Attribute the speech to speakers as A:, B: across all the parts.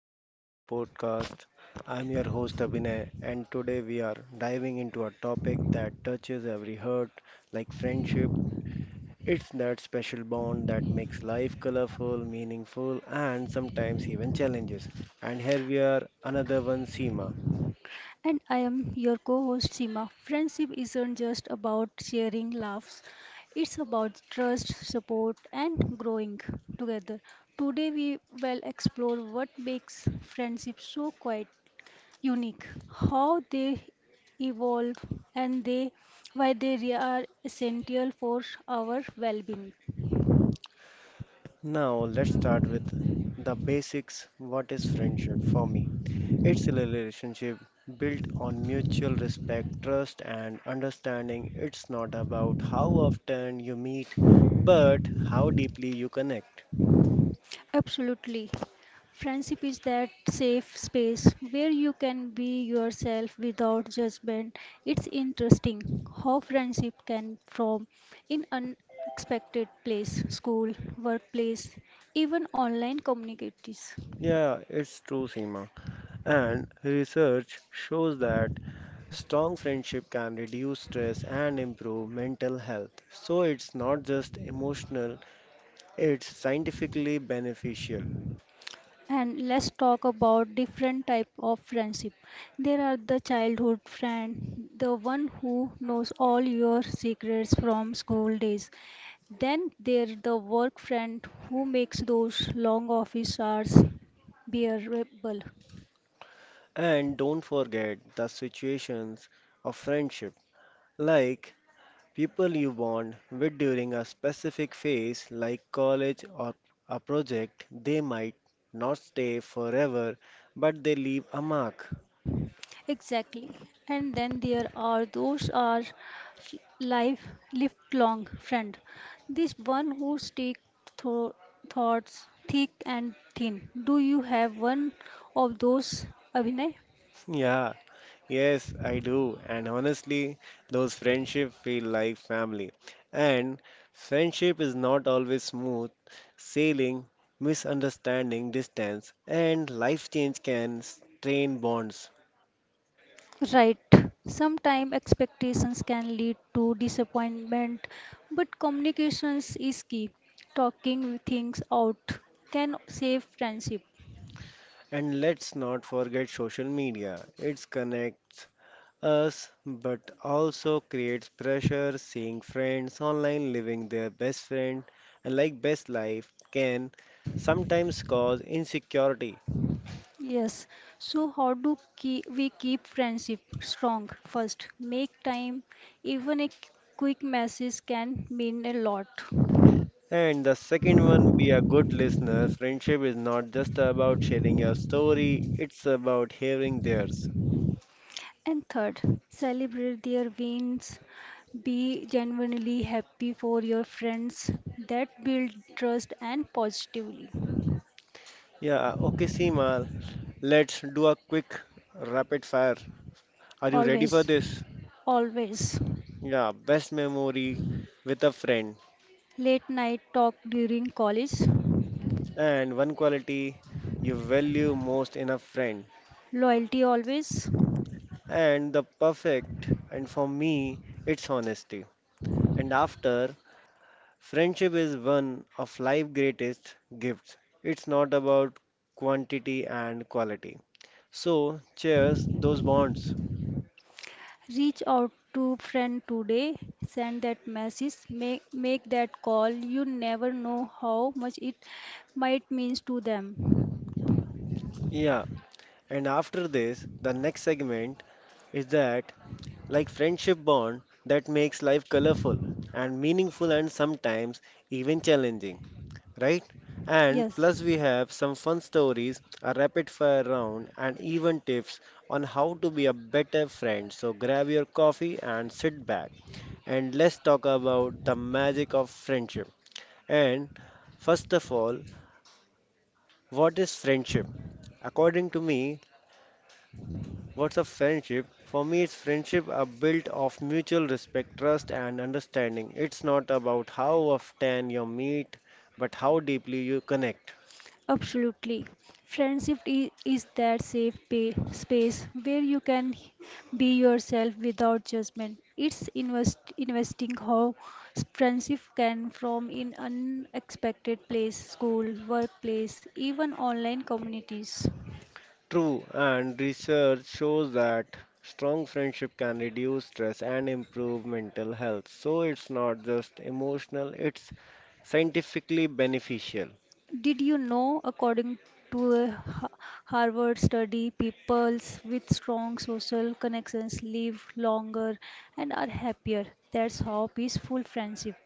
A: welcome to the podcast. I'm your host Abhinay, and today we are diving into a topic that touches every heart, like friendship. It's that special bond that makes life colorful, meaningful, and sometimes even challenges. And here we are, another one, Seema.
B: And I am your co host Seema. Friendship isn't just about sharing laughs, it's about trust, support, and growing together. Today, we will explore what makes friendship so quite unique, how they evolve, and they, why they are essential for our well being.
A: Now let's start with the basics. What is friendship for me? It's a relationship built on mutual respect, trust, and understanding. It's not about how often you meet, but how deeply you connect.
B: Absolutely. Friendship is that safe space where you can be yourself without judgment. It's interesting how friendship can form in unexpected place, school, workplace, even online communities.
A: Yeah, it's true, Seema. And research shows that strong friendship can reduce stress and improve mental health. So it's not just emotional, it's scientifically beneficial.
B: And let's talk about different type of friendship. There are the childhood friend, the one who knows all your secrets from school days. Then there the work friend who makes those long office hours bearable.
A: And don't forget the situations of friendship. Like people you bond with during a specific phase like college or a project, they might not stay forever, but they leave a mark.
B: Exactly. And then there are those are life lifelong friend. This one who stick thro thoughts thick and thin. Do you have one of those, Abhinay?
A: Yeah, yes, I do. And honestly, those friendships feel like family. And friendship is not always smooth sailing, misunderstanding, distance, and life change can strain bonds.
B: Right. Sometimes expectations can lead to disappointment, but communications is key. Talking things out can save friendship.
A: And let's not forget social media. It connects us but also creates pressure seeing friends online living their best friend and like best life can sometimes cause insecurity.
B: Yes. So how do we keep friendship strong? First, make time. Even a quick message can mean a lot.
A: And the second one, be a good listener. Friendship is not just about sharing your story, it's about hearing theirs.
B: And third, celebrate their wins. Be genuinely happy for your friends. That build trust and positively.
A: Yeah, okay, Seema, let's do a quick rapid fire. Are you ready for
B: Always,
A: this?
B: always.
A: Yeah, best memory with a friend.
B: Late night talk during college.
A: And one quality you value most in a friend.
B: Loyalty always.
A: And the perfect and for me, it's honesty. And after, friendship is one of life's greatest gifts. It's not about quantity and quality, so cheers those bonds.
B: Reach out to friend today, send that message, make that call. You never know how much it might means to them.
A: Yeah, and after this the next segment is that like friendship bond that makes life colorful and meaningful and sometimes even challenging, right? And
B: Yes,
A: plus, we have some fun stories, a rapid fire round, and even tips on how to be a better friend. So grab your coffee and sit back. And let's talk about the magic of friendship. And first of all, what is friendship? According to me, what's a friendship? For me, it's friendship are built of mutual respect, trust, and understanding. It's not about how often you meet, but how deeply you connect.
B: absolutely. Friendship is that safe space where you can be yourself without judgment. It's investing how friendship can from in unexpected place, school, workplace, even online communities.
A: True, and research shows that strong friendship can reduce stress and improve mental health. So it's not just emotional, it's scientifically beneficial.
B: Did you know, according to a Harvard study, peoples with strong social connections live longer and are happier. That's how peaceful friendship.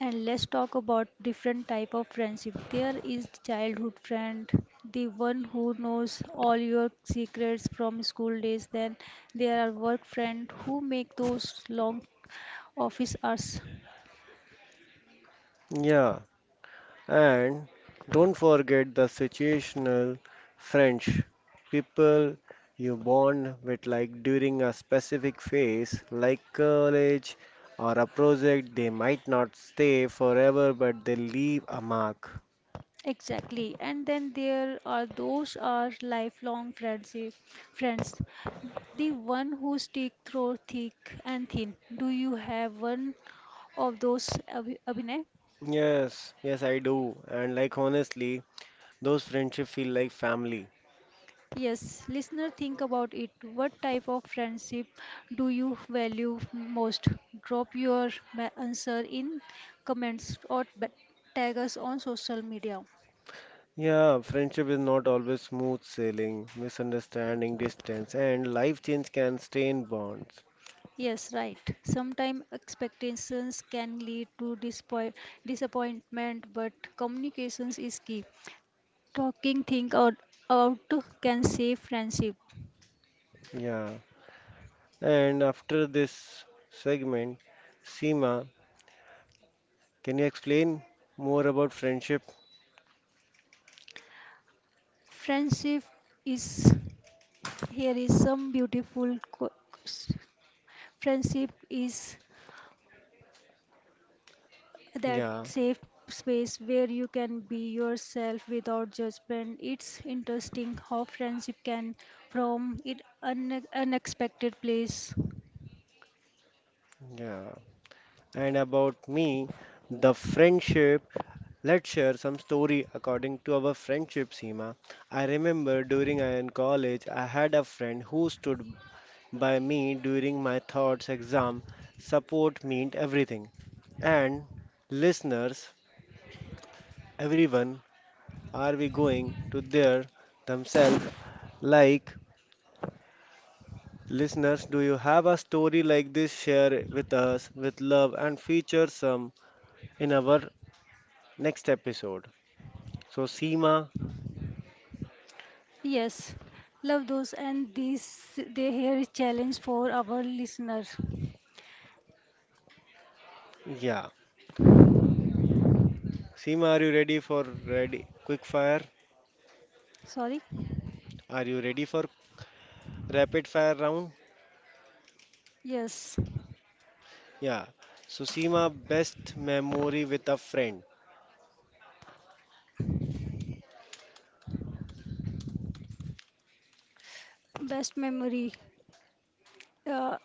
B: And let's talk about different type of friendship. There is the childhood friend, the one who knows all your secrets from school days. Then there are work friend who make those long office hours.
A: Yeah, and don't forget the situational French people you bond with, like during a specific phase, like college or a project, they might not stay forever, but they leave a mark.
B: Exactly. And then there are those are lifelong friendship friends. The one who stick through thick and thin. Do you have one of those, Abhinay?
A: Yes, yes, I do. And like honestly, those friendship feel like family.
B: Yes, listener, think about it. What type of friendship do you value most? Drop your answer in comments or tag us on social media.
A: Yeah, friendship is not always smooth sailing, misunderstanding, distance, and life change can strain bonds.
B: Yes, right. Sometimes expectations can lead to disappointment, but communications is key. Talking things out can save friendship.
A: Yeah. And after this segment, Seema, can you explain more about friendship?
B: Friendship is here is some beautiful co- Friendship is that
A: Yeah,
B: safe space where you can be yourself without judgment. It's interesting how friendship can from it an unexpected place.
A: yeah. And about me, the friendship. Let's share some story according to our friendship, Seema. I remember during I in college, I had a friend who stood by me during my thoughts exam. Support meant everything. And listeners, everyone, are we going to their themselves? Like listeners, do you have a story like this? Share it with us with love and feature some in our next episode. So, Seema,
B: Yes, love those and these they here is challenge for our listener.
A: yeah. Seema, are you ready for ready quick fire?
B: Sorry.
A: Are you ready for rapid fire round?
B: Yes,
A: Yeah. So Seema, best memory with a friend.
B: best memory. Uh,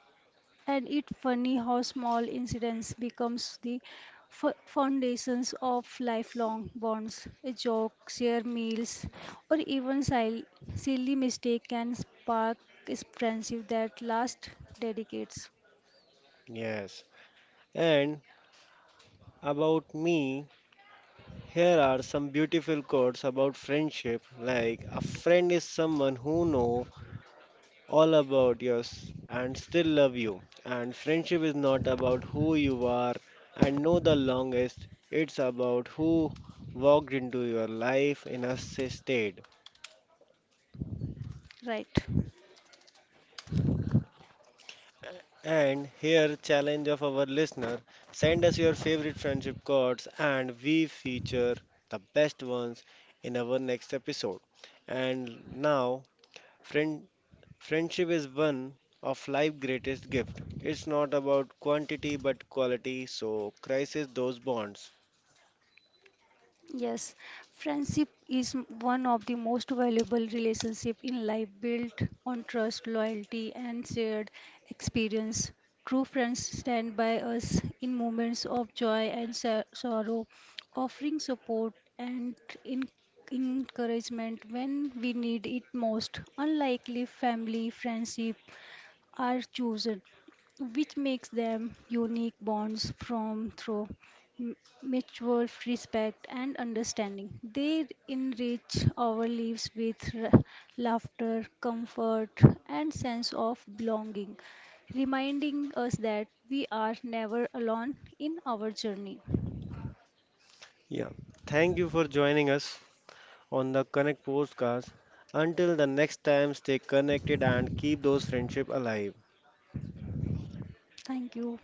B: and it funny how small incidents becomes the foundations of lifelong bonds. A joke, share meals, or even silly mistake can spark is friendship that last dedicates.
A: Yes. And about me, here are some beautiful quotes about friendship. Like a friend is someone who know all about you and still love you. And friendship is not about who you are and know the longest. It's about who walked into your life in a state.
B: Right.
A: And here, challenge of our listener, send us your favorite friendship cards, and we feature the best ones in our next episode. And now, friend, friendship is one of life's greatest gift. It's not about quantity but quality, so crisis those bonds.
B: Yes, friendship is one of the most valuable relationship in life built on trust, loyalty and shared experience. True friends stand by us in moments of joy and sorrow, offering support and in- encouragement when we need it most. Unlikely family friendship are chosen, which makes them unique bonds from through m- mutual respect and understanding. They enrich our lives with laughter, comfort, and sense of belonging, reminding us that we are never alone in our journey.
A: Yeah. Thank you for joining us on the Connect podcast. Until the next time, stay connected and keep those friendship alive.
B: Thank you.